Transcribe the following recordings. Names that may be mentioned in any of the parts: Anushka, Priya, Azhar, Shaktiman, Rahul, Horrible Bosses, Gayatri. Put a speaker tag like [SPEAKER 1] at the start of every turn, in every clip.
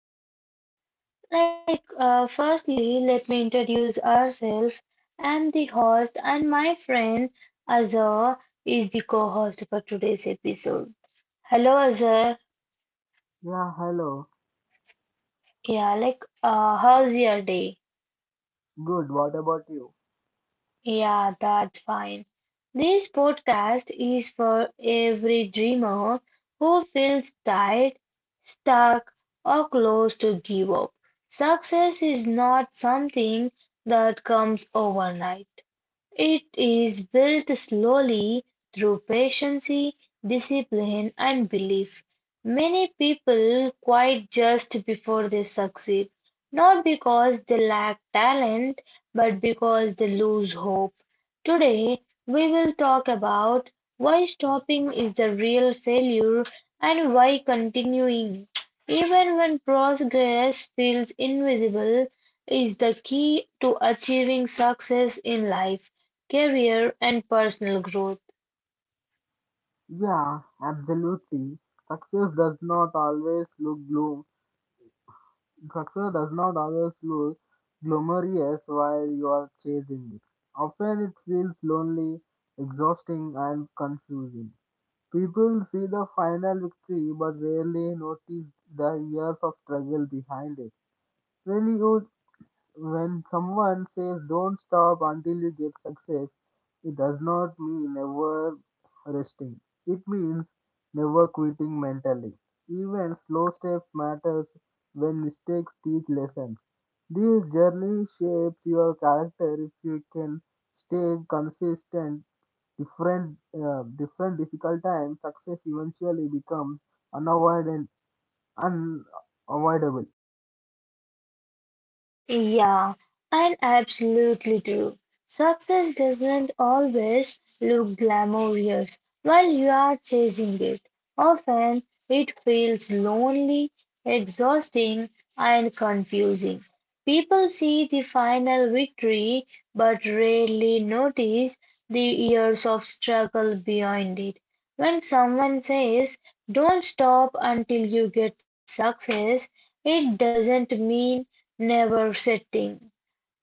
[SPEAKER 1] podcast. Like, firstly, let me introduce ourselves. I'm the host, and my friend Azhar is the co-host for today's episode. Hello Azhar,
[SPEAKER 2] Yeah, hello.
[SPEAKER 1] yeah, how's your day?
[SPEAKER 2] Good, what about you?
[SPEAKER 1] Yeah, that's fine. This podcast is for every dreamer who feels tired, stuck, or close to give up. Success is not something that comes overnight. It is built slowly through patience, discipline, and belief. Many people quit just before they succeed, not because they lack talent, but because they lose hope. Today, we will talk about why stopping is the real failure and why continuing, even when progress feels invisible, is the key to achieving success in life, career, and personal growth.
[SPEAKER 2] Yeah, absolutely. Success does not always look gloom. Success does not always look glamorous while you are chasing it. Often it feels lonely, exhausting, and confusing. People see the final victory but rarely notice the years of struggle behind it. When you When someone says don't stop until you get success, it does not mean never resting. It means never quitting mentally. Even slow steps matters when mistakes teach lessons. This journey shapes your character if you can stay consistent. Different difficult times, success eventually becomes unavoidable, unavoidable.
[SPEAKER 1] Yeah, I absolutely do. Success doesn't always look glamorous while you are chasing it. Often it feels lonely, exhausting, and confusing. People see the final victory but rarely notice the years of struggle behind it. When someone says, Don't stop until you get success, it doesn't mean never setting.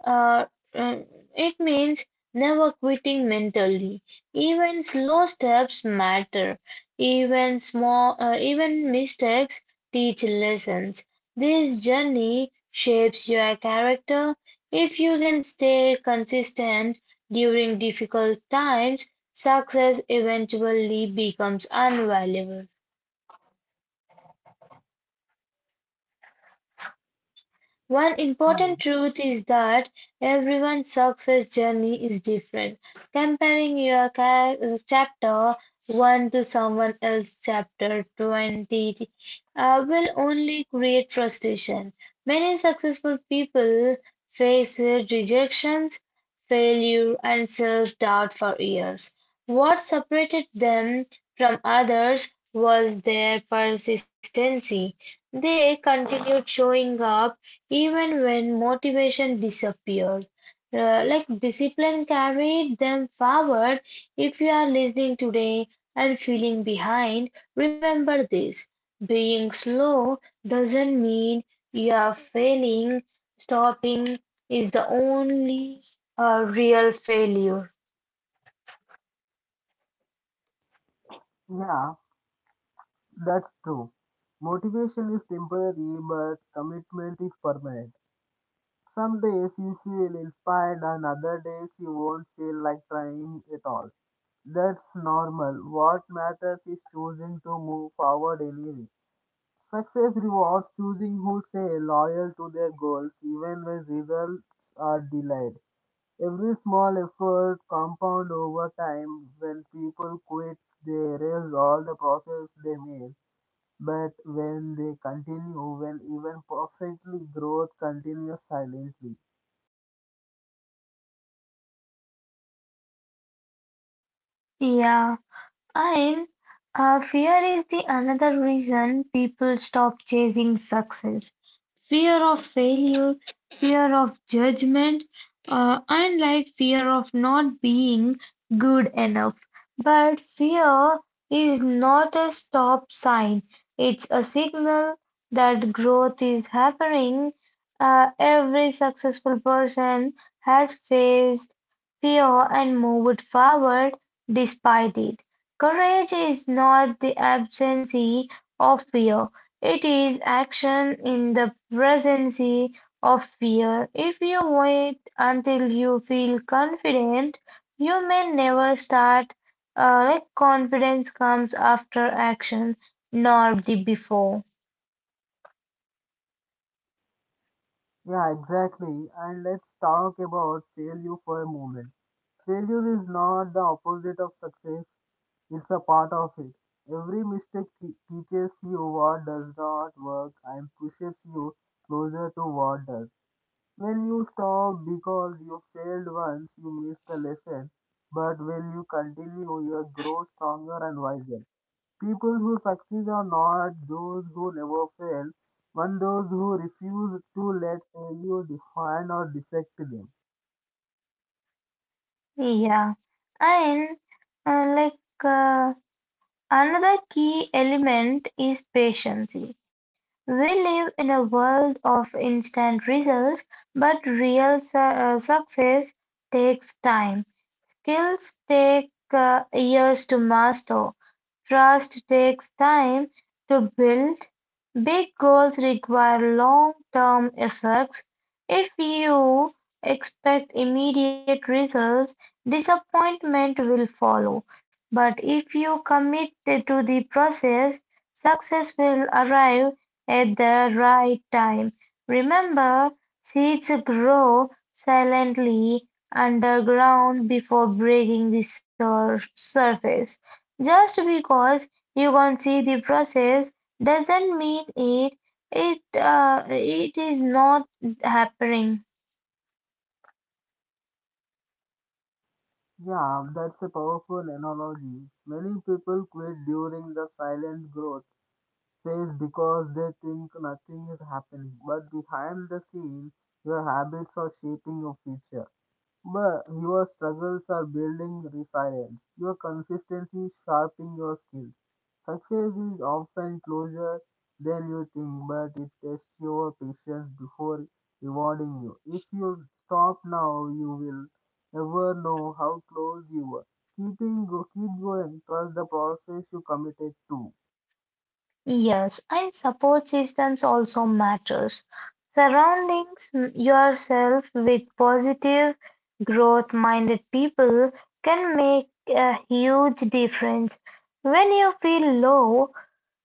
[SPEAKER 1] Uh, uh, it means never quitting mentally. Even slow steps matter. Even mistakes teach lessons. This journey shapes your character. If you can stay consistent during difficult times, success eventually becomes invaluable. One important
[SPEAKER 2] And,
[SPEAKER 1] truth is that everyone's success journey is different. Comparing your chapter 1 to someone else's chapter 20 will only create frustration. Many successful people face rejections, failure, and self doubt for years. What separated them from others was their persistency. They continued showing up even when motivation disappeared, discipline carried them forward. If you are listening today and feeling behind, remember this. Being slow doesn't mean you are failing. Stopping is the only real failure.
[SPEAKER 2] yeah, that's true. Motivation is temporary, but commitment is permanent. Some days you feel inspired, and other days you won't feel like trying at all. That's normal. What matters is choosing to move forward anyway. Success rewards choosing who stay loyal to their goals even when results are delayed. Every small effort compound over time. When people quit, they erase all the process they made, but when they continue, when even perfectly growth continues silently.
[SPEAKER 1] Yeah. And fear is the another reason people stop chasing success. Fear of failure, fear of judgment, and like fear of not being good enough. But fear is not a stop sign, it's a signal that growth is happening. Every successful person has faced fear and moved forward despite it. Courage is not the absence of fear, it is action in the presence of fear. If you wait until you feel confident, you may never start. Confidence comes after action, nor the before.
[SPEAKER 2] Yeah, exactly. And let's talk about failure for a moment. Failure is not the opposite of success, it's a part of it. Every mistake teaches you what does not work and pushes you closer to what does. When you stop because you failed once, you miss the lesson. But when you continue, you grow stronger and wiser. People who succeed are not those who never fail, but those who refuse to let failure define or defect them.
[SPEAKER 1] Yeah, and uh, like uh, another key element is patience. We live in a world of instant results, but real success takes time. Skills take years to master. Trust takes time to build. Big goals require long-term efforts. If you expect immediate results, disappointment will follow. But if you commit to the process, success will arrive at the right time. Remember, seeds grow silently underground before breaking the surface. Just because you can see the process doesn't mean it is not happening.
[SPEAKER 2] Yeah, that's a powerful analogy. Many people quit during the silent growth phase because they think nothing is happening, but behind the scenes, your habits are shaping your future. But your struggles are building resilience. Your consistency is sharpening your skills. Success is often closer than you think, but it tests your patience before rewarding you. If you stop now, you will never know how close you were. Keep going. Trust the process you committed to.
[SPEAKER 1] Yes, and support systems also matters. Surroundings yourself with positive, growth-minded people can make a huge difference. When you feel low,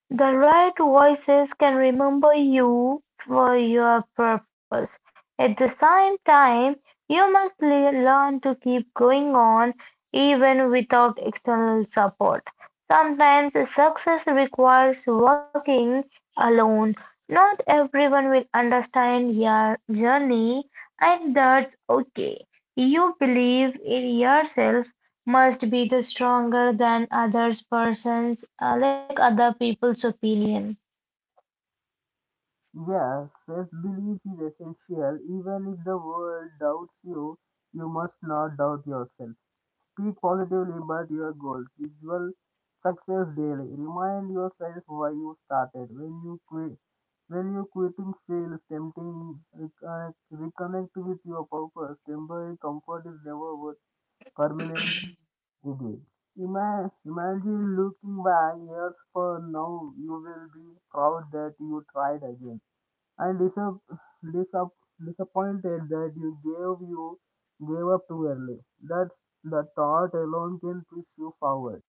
[SPEAKER 1] the right voices can remember you for your purpose. At the same time, you must learn to keep going on even without external support. Sometimes success requires working alone. Not everyone will understand your journey, and that's okay. You believe in yourself must be the stronger than others persons, other people's opinion.
[SPEAKER 2] Yes, self-belief is essential. Even if the world doubts you, you must not doubt yourself. Speak positively about your goals. Visual success daily. Remind yourself why you started. When you quit, when you quitting feels tempting, reconnect with your purpose. Temporary comfort is never worth permanent relief. Imagine looking back years from now, you will be proud that you tried again and disappointed that you gave up too early. That's the thought alone can push you forward.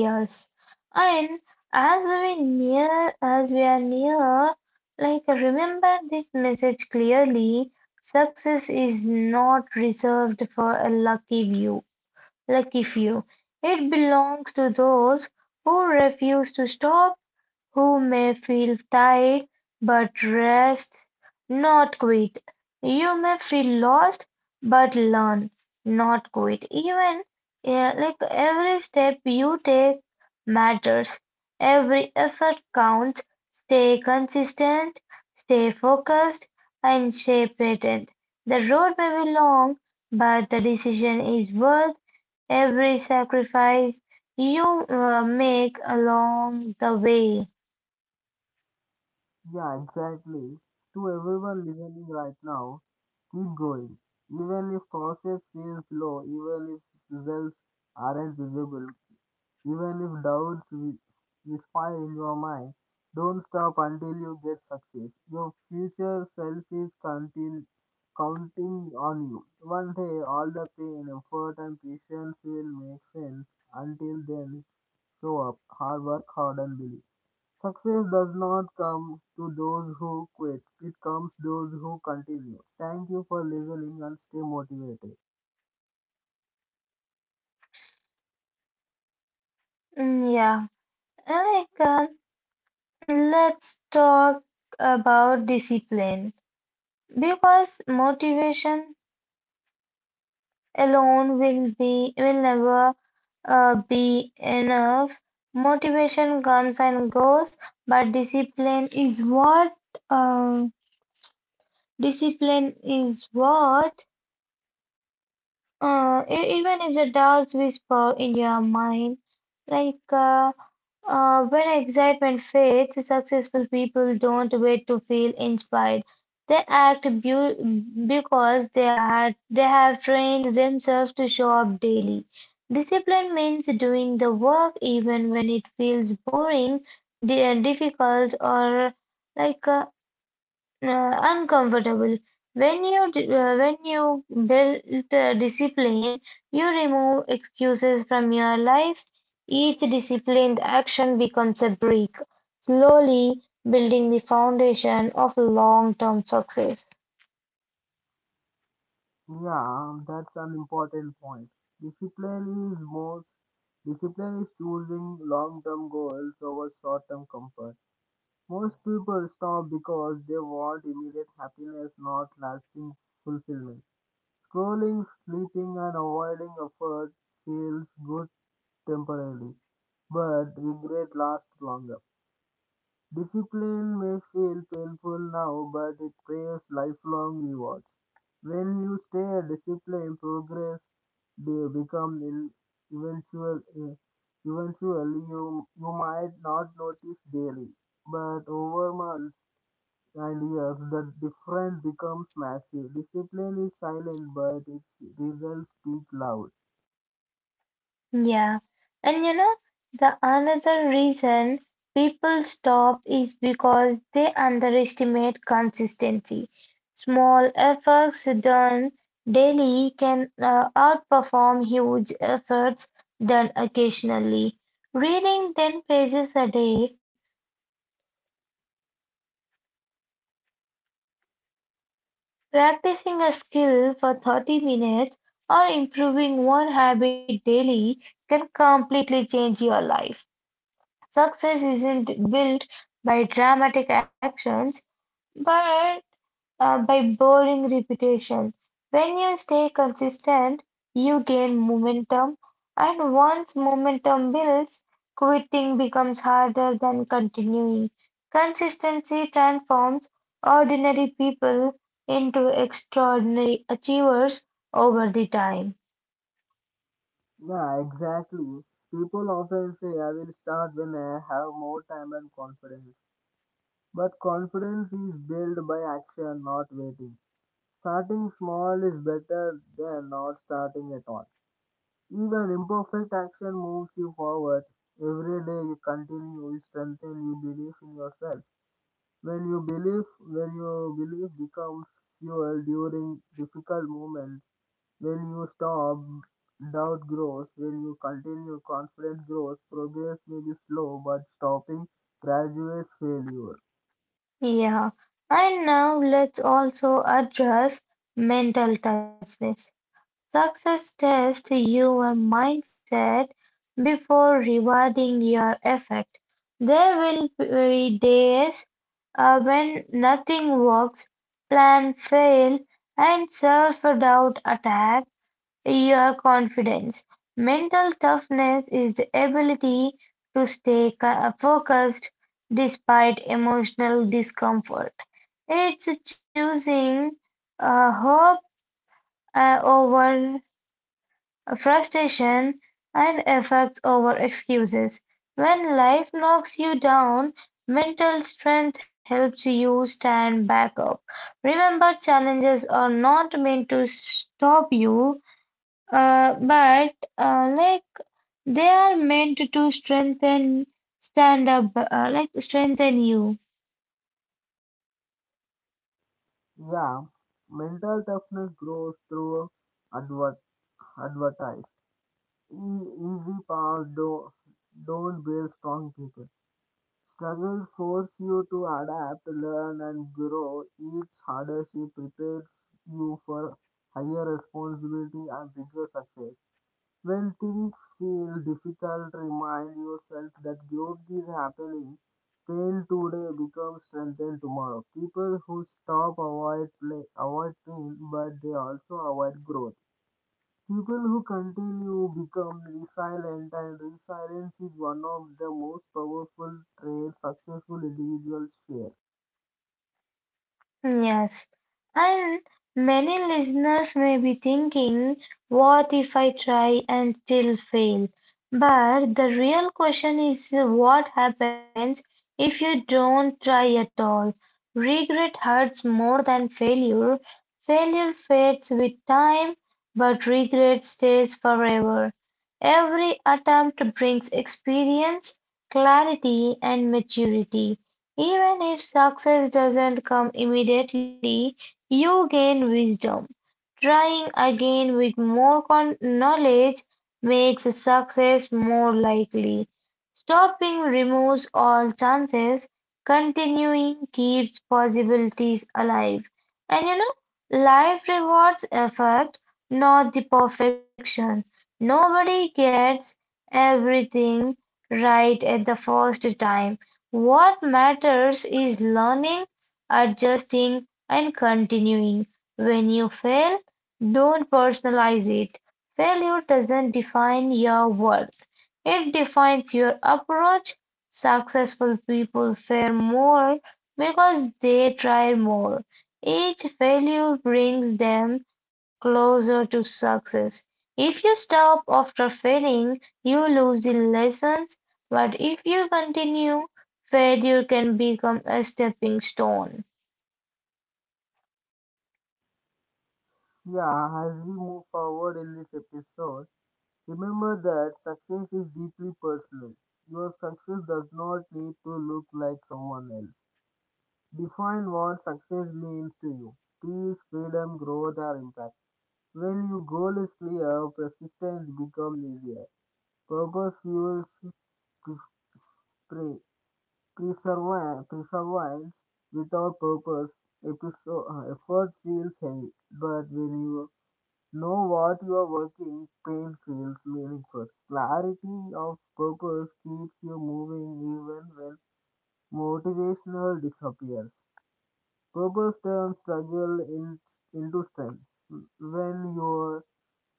[SPEAKER 1] Yes, and as we are near, remember this message clearly. Success is not reserved for a lucky few, lucky few. It belongs to those who refuse to stop, who may feel tired but rest, not quit. You may feel lost but learn, not quit. Even yeah, like every step you take matters, every effort counts. Stay consistent, stay focused, and stay patient. The road may be long, but the decision is worth every sacrifice you make along the way.
[SPEAKER 2] Yeah, exactly. To everyone listening right now, keep going. Even if process feels slow, even if results aren't visible, even if doubts whisper in your mind, don't stop until you get success. Your future self is counting, Counting on you. One day, all the pain, effort, and patience will make sense. Until then, show up, hard work hard, and believe. Success does not come to those who quit, it comes those who continue. Thank you for listening and stay motivated.
[SPEAKER 1] Mm, yeah, like uh, let's talk about discipline because motivation alone will never be enough. Motivation comes and goes, but discipline is what uh, discipline is what even if the doubts whisper in your mind, like uh, when excitement fades, successful people don't wait to feel inspired. They act because they have trained themselves to show up daily. Discipline means doing the work even when it feels boring, difficult, or like uh, uncomfortable. When you build discipline, you remove excuses from your life. Each disciplined action becomes a brick, slowly building the foundation of long-term success.
[SPEAKER 2] Yeah, that's an important point. Discipline is most discipline is choosing long-term goals over short-term comfort. Most people stop because they want immediate happiness, not lasting fulfillment. Scrolling, sleeping, and avoiding effort feels good temporarily, but regret lasts longer. Discipline may feel painful now, but it pays lifelong rewards. When you stay disciplined progress, they become eventual, eh, eventually. You might not notice daily, but over months and years the difference becomes massive. Discipline is silent, but its results speak loud.
[SPEAKER 1] Yeah. And the another reason people stop is because they underestimate consistency. Small efforts done daily can outperform huge efforts done occasionally. Reading 10 pages a day, practicing a skill for 30 minutes, or improving one habit daily can completely change your life. Success isn't built by dramatic actions, but by boring repetition. When you stay consistent, you gain momentum, and once momentum builds, quitting becomes harder than continuing. Consistency transforms ordinary people into extraordinary achievers over the time.
[SPEAKER 2] Yeah, exactly. People often say I will start when I have more time and confidence. But confidence is built by action, not waiting. Starting small is better than not starting at all. Even imperfect action moves you forward. Every day you continue, you strengthen, you believe in yourself. When you believe becomes fuel during difficult moments. When you stop, doubt grows. When you continue, confidence grows. Progress may be slow, but stopping graduates failure.
[SPEAKER 1] Yeah, and now let's also address mental toughness. Success tests your mindset before rewarding your effort. There will be days when nothing works, plan fail, and self-doubt attack your confidence. Mental toughness is the ability to stay focused despite emotional discomfort. It's choosing hope over frustration, and effects over excuses. When life knocks you down, mental strength helps you stand back up. Remember, challenges are not meant to stop you, but they are meant to strengthen, stand up, like strengthen you.
[SPEAKER 2] Yeah, mental toughness grows through adver- advertised. Easy paths don't build strong people. Struggles force you to adapt, learn, and grow. Each hardship prepares you for higher responsibility and bigger success. When things feel difficult, remind yourself that growth is happening. Pain today becomes strength in tomorrow. People who stop avoid play, avoid pain, but they also avoid growth. People who continue become resilient, and resilience is one of the most powerful traits successful individuals share.
[SPEAKER 1] Yes, and many listeners may be thinking, what if I try and still fail? But the real question is what happens if you don't try at all? Regret hurts more than failure. Failure fades with time, but regret stays forever. Every attempt brings experience, clarity, and maturity. Even if success doesn't come immediately, you gain wisdom. Trying again with more knowledge makes success more likely. Stopping removes all chances. Continuing keeps possibilities alive. And life rewards effort, not the perfection. Nobody gets everything right at the first time. What matters is learning, adjusting, and continuing. When you fail, don't personalize it. Failure doesn't define your worth, it defines your approach. Successful people fail more because they try more. Each failure brings them closer to success. If you stop after failing, you lose the lessons, but if you continue, failure can become a stepping stone.
[SPEAKER 2] Yeah, as we move forward in this episode. Remember that success is deeply personal. Your success does not need to look like someone else. Define what success means to you. Peace, freedom, growth or impact. When your goal is clear, persistence becomes easier. Purpose fuels pre- preservi- perseverance. Perseverance. Without purpose, efforts feels heavy. But when you know what you are working, pain feels meaningful. Clarity of purpose keeps you moving even when motivational disappears. Purpose turns struggle in, into strength. When your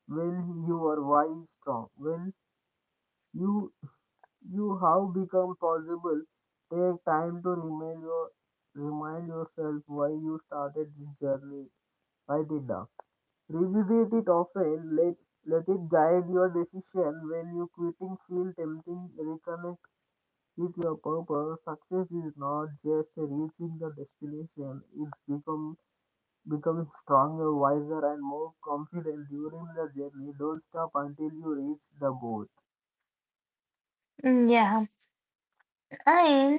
[SPEAKER 2] when your why is strong, when you you have become possible, take time to remind yourself why you started this journey. Write it down. Revisit it often, let it guide your decision when you quitting feel tempting, reconnect with your purpose. Success is not just reaching the destination, it's become becoming stronger, wiser and more confident during the journey. Don't stop until you reach the goal.
[SPEAKER 1] Mm, yeah, and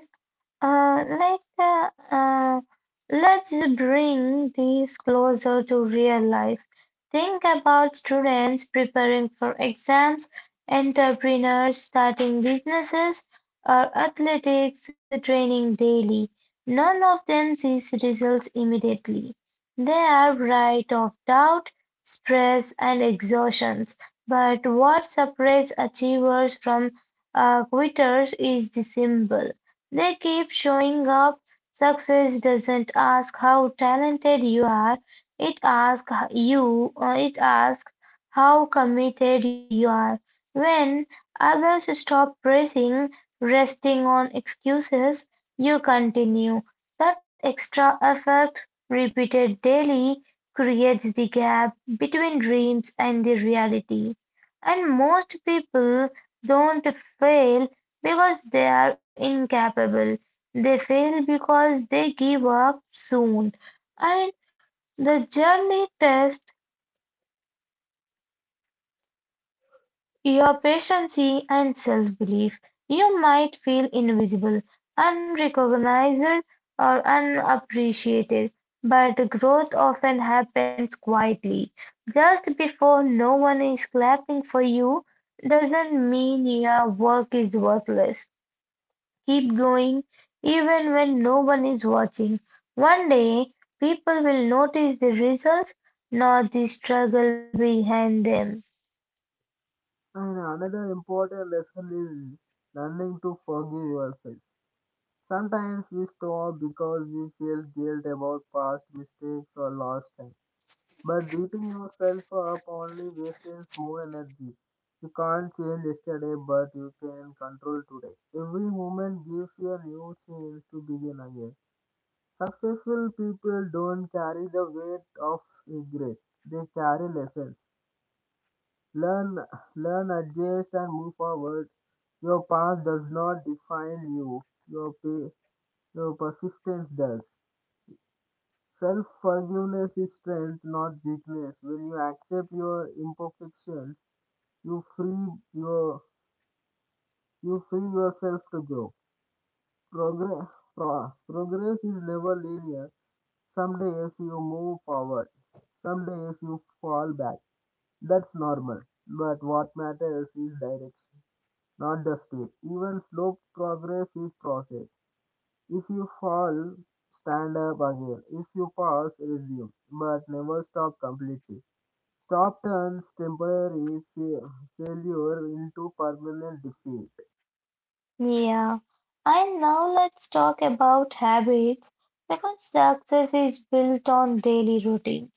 [SPEAKER 1] Uh, like, uh, uh, let's bring these closer to real life. Think about students preparing for exams, entrepreneurs starting businesses, or athletics training daily. None of them sees results immediately. They are bright of doubt, stress, and exhaustions. But what separates achievers from quitters is the symbol. They keep showing up. Success doesn't ask how talented you are, it asks how committed you are. When others stop pressing, resting on excuses, you continue. That extra effort repeated daily creates the gap between dreams and the reality. And most people don't fail because they are incapable. They fail because they give up soon. And the journey tests your patience and self belief. You might feel invisible, unrecognized, or unappreciated, but growth often happens quietly. Just before no one is clapping for you doesn't mean your work is worthless. Keep going, even when no one is watching. One day, people will notice the results, not the struggle behind them.
[SPEAKER 2] And another important lesson is learning to forgive yourself. Sometimes we stop because we feel guilt about past mistakes or lost time. But beating yourself up only wastes more energy. You can't change yesterday, but you can control today. Every moment gives you a new chance to begin again. Successful people don't carry the weight of regret. They carry lessons. Learn, Learn, adjust, and move forward. Your past does not define you. Your, pa- your persistence does. Self forgiveness is strength, not weakness. When you accept your imperfections, you free your you free yourself to grow. Progress Progress is never linear. Some days you move forward, some days you fall back. That's normal. But what matters is direction, not the speed. Even slow progress is process. If you fall, stand up again. If you pause, resume, but never stop completely. Stop turns temporary failure into permanent defeat.
[SPEAKER 1] Yeah, and now let's talk about habits because success is built on daily routines.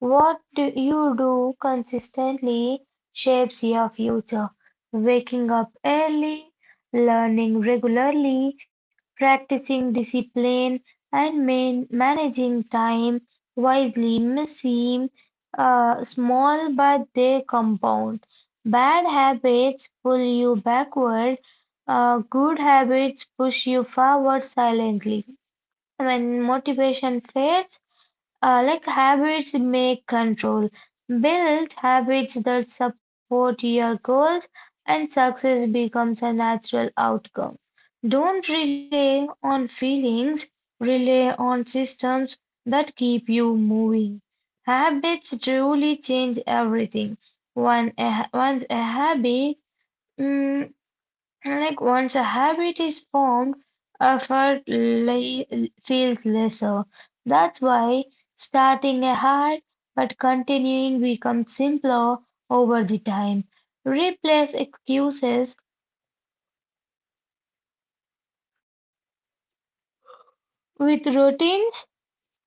[SPEAKER 1] What do you do consistently shapes your future. Waking up early, learning regularly, practicing discipline, and managing time wisely may seem small, but they compound. Bad habits pull you backward. Good habits push you forward silently. When motivation fades, habits make control. Build habits that support your goals, and success becomes a natural outcome. Don't rely on feelings, rely on systems that keep you moving. Habits truly change everything. One, a, once a habit mm, once a habit is formed, effort le feels lesser. That's why starting a hard but continuing becomes simpler over the time. Replace excuses with routines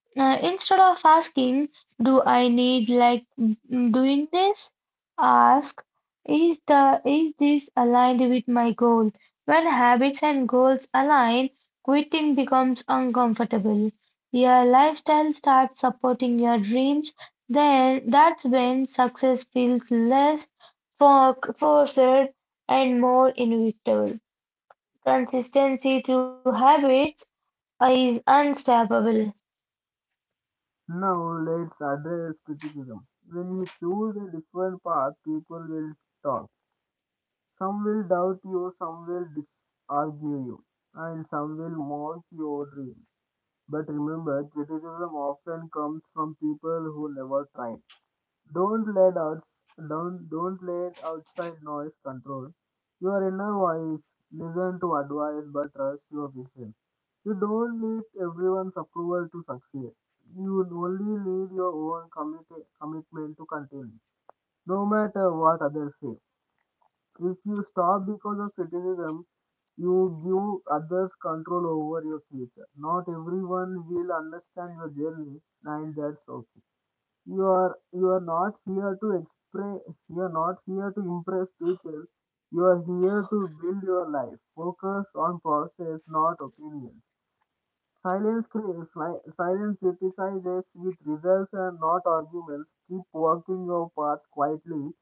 [SPEAKER 1] Uh, Instead of asking, do I need doing this? Ask, is this aligned with my goal? When habits and goals align, quitting becomes uncomfortable. Your lifestyle starts supporting your dreams, then that's when success feels less forced and more inevitable. Consistency through habits is unstoppable.
[SPEAKER 2] Now let's address criticism. When you choose a different path, people will talk. Some will doubt you, some will disargue you, and some will mock your dreams. But remember, criticism often comes from people who never tried. Don't let outs don't let outside noise control your inner voice. Listen to advice, but trust your vision. You don't need everyone's approval to succeed. You only need your own commitment to continue, no matter what others say. If you stop because of criticism, you give others control over your future. Not everyone will understand your journey, and that's okay. You are not here to express. You are not here to impress people. You are here to build your life. Focus on process, not opinion. Silence criticizes with results and not arguments. Keep walking your path quietly.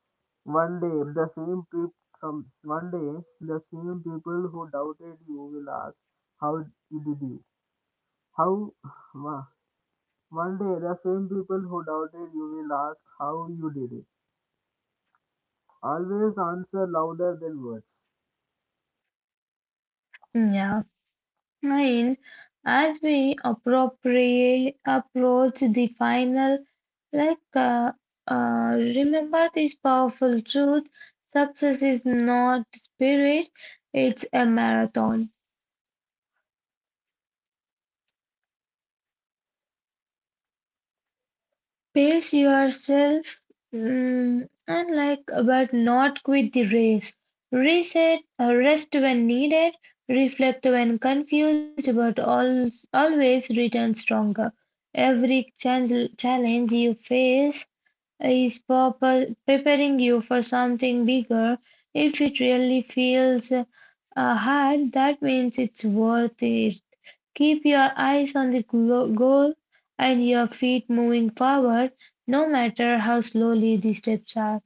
[SPEAKER 2] One day, the same people, some one day, the same people who doubted you will ask, "How did you? How? One day, the same people who doubted you will ask how you did it. Always answer louder than words.
[SPEAKER 1] Yeah. And as we appropriate approach the final, like uh, remember this powerful truth: success is not spirit; it's a marathon. Pace yourself, but not quit the race. Rest when needed, reflect when confused, but always return stronger. Every challenge you face is preparing you for something bigger. If it really feels hard, that means it's worth it. Keep your eyes on the goal and your feet moving forward, no matter how slowly the steps are.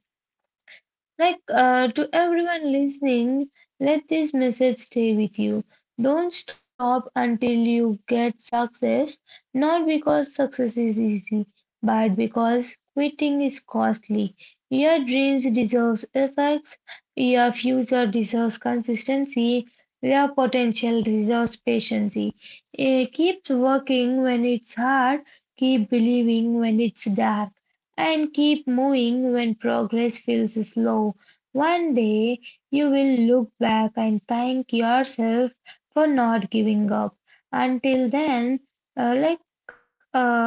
[SPEAKER 1] To everyone listening, let this message stay with you. Don't stop until you get success, not because success is easy, but because quitting is costly. Your dreams deserves effects, your future deserves consistency, your potential deserves patience. Keep working when it's hard, keep believing when it's dark and keep moving when progress feels slow. One day you will look back and thank yourself for not giving up. Until then, uh, like, uh,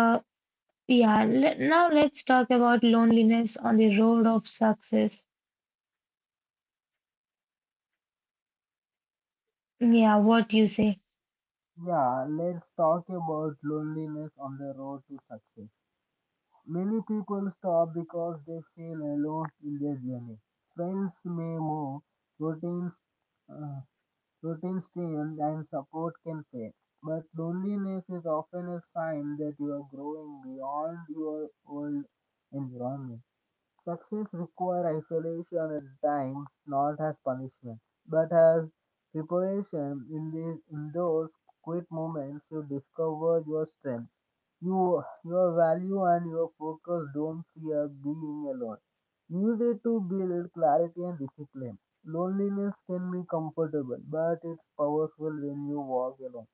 [SPEAKER 1] yeah, let's talk about loneliness on the road of success. Yeah, what you say.
[SPEAKER 2] Yeah, let's talk about loneliness on the road to success. Many people stop because they feel alone in their journey. Friends may move, routines, uh, routines change, and support can fade. But loneliness is often a sign that you are growing beyond your old environment. Success requires isolation at times, not as punishment, but as preparation. In those quiet moments, you discover your strength, your value, and your focus. Don't fear being alone. Use it to build clarity and discipline. Loneliness can be comfortable, but it's powerful when you walk alone.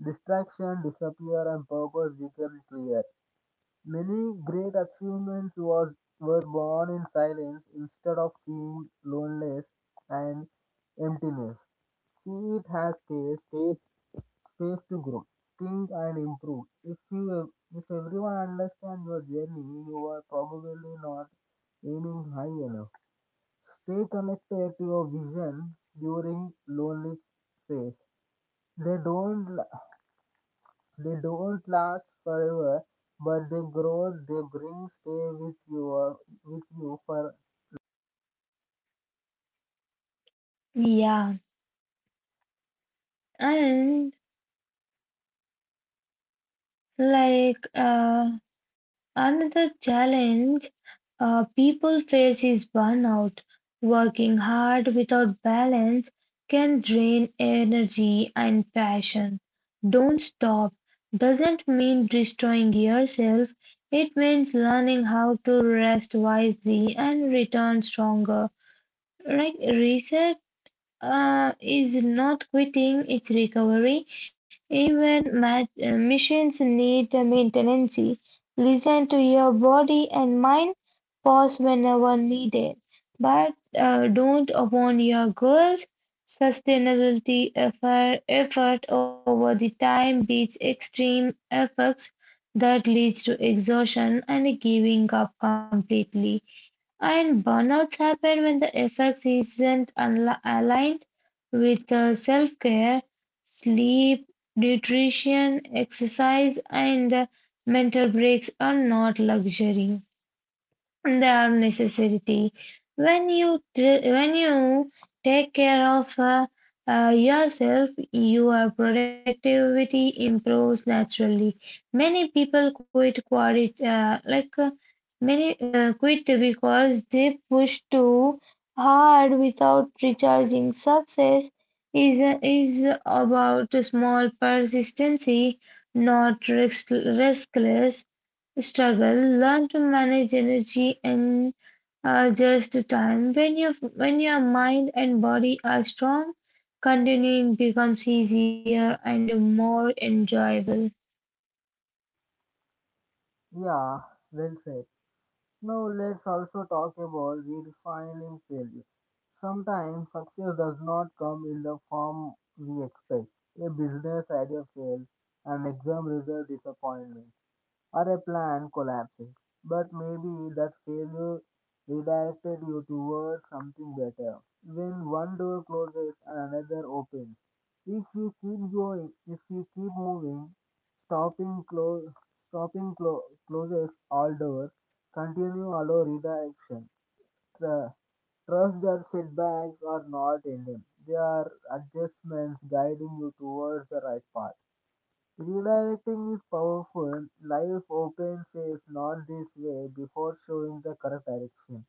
[SPEAKER 2] Distraction disappear and purpose become clear. Many great achievements was, were born in silence instead of seeing loneliness and emptiness. See it has space, take space to grow, think and improve. If everyone understands your journey, you are probably not aiming high enough. Stay connected to your vision during lonely phase. They don't they don't last forever, but they grow. They bring stay with with you for
[SPEAKER 1] Yeah, and like, uh, another challenge people face is burnout. Working hard without balance can drain energy and passion. Don't stop doesn't mean destroying yourself. It means learning how to rest wisely and return stronger. Like research is not quitting, it's recovery. Even machines need maintenance. Listen to your body and mind, pause whenever needed, but don't upon your goals. Sustainability effort over the time beats extreme efforts that leads to exhaustion and giving up completely. And burnouts happen when the effects isn't aligned with self-care, sleep, nutrition, exercise, and mental breaks are not luxury their necessity. When you take care of yourself, your productivity improves naturally. Many people quit quit like many quit because they push too hard without recharging. Success is is about small persistency, not riskless struggle, learn to manage energy and adjust to time. When your mind and body are strong, continuing becomes easier and more enjoyable.
[SPEAKER 2] yeah. Well said. Now let's also talk about redefining failure. Sometimes success does not come in the form we expect. A business idea fails, an exam result disappointment, or a plan collapses. But maybe that failure redirected you towards something better. When one door closes and another opens, if you keep going, If you keep moving, stopping close, stopping clo- closes all doors. Continue allow redirection. Tr- Trust that setbacks are not ending. They are adjustments guiding you towards the right path. Redirecting is powerful. Life often says not this way before showing the correct direction.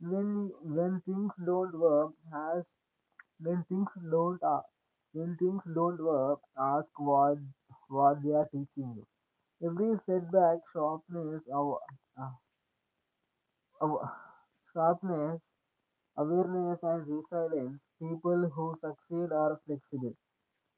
[SPEAKER 2] When things don't work, ask when things don't uh, when things don't work, ask what they are teaching you. Every setback sharpens uh, Aw- sharpness, awareness, and resilience. People who succeed are flexible.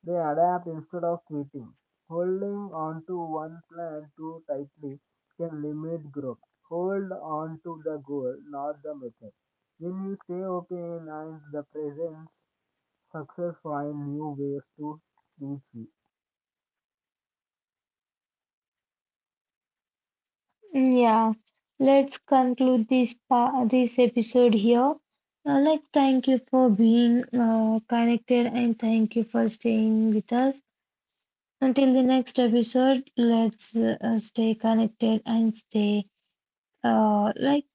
[SPEAKER 2] They adapt instead of quitting. Holding on to one plan too tightly can limit growth. Hold on to the goal, not the method. When you stay open and the presence, success finds new ways to reach you.
[SPEAKER 1] Yeah, let's conclude this episode here. Thank you for being connected and thank you for staying with us. Until the next episode, let's stay connected and stay like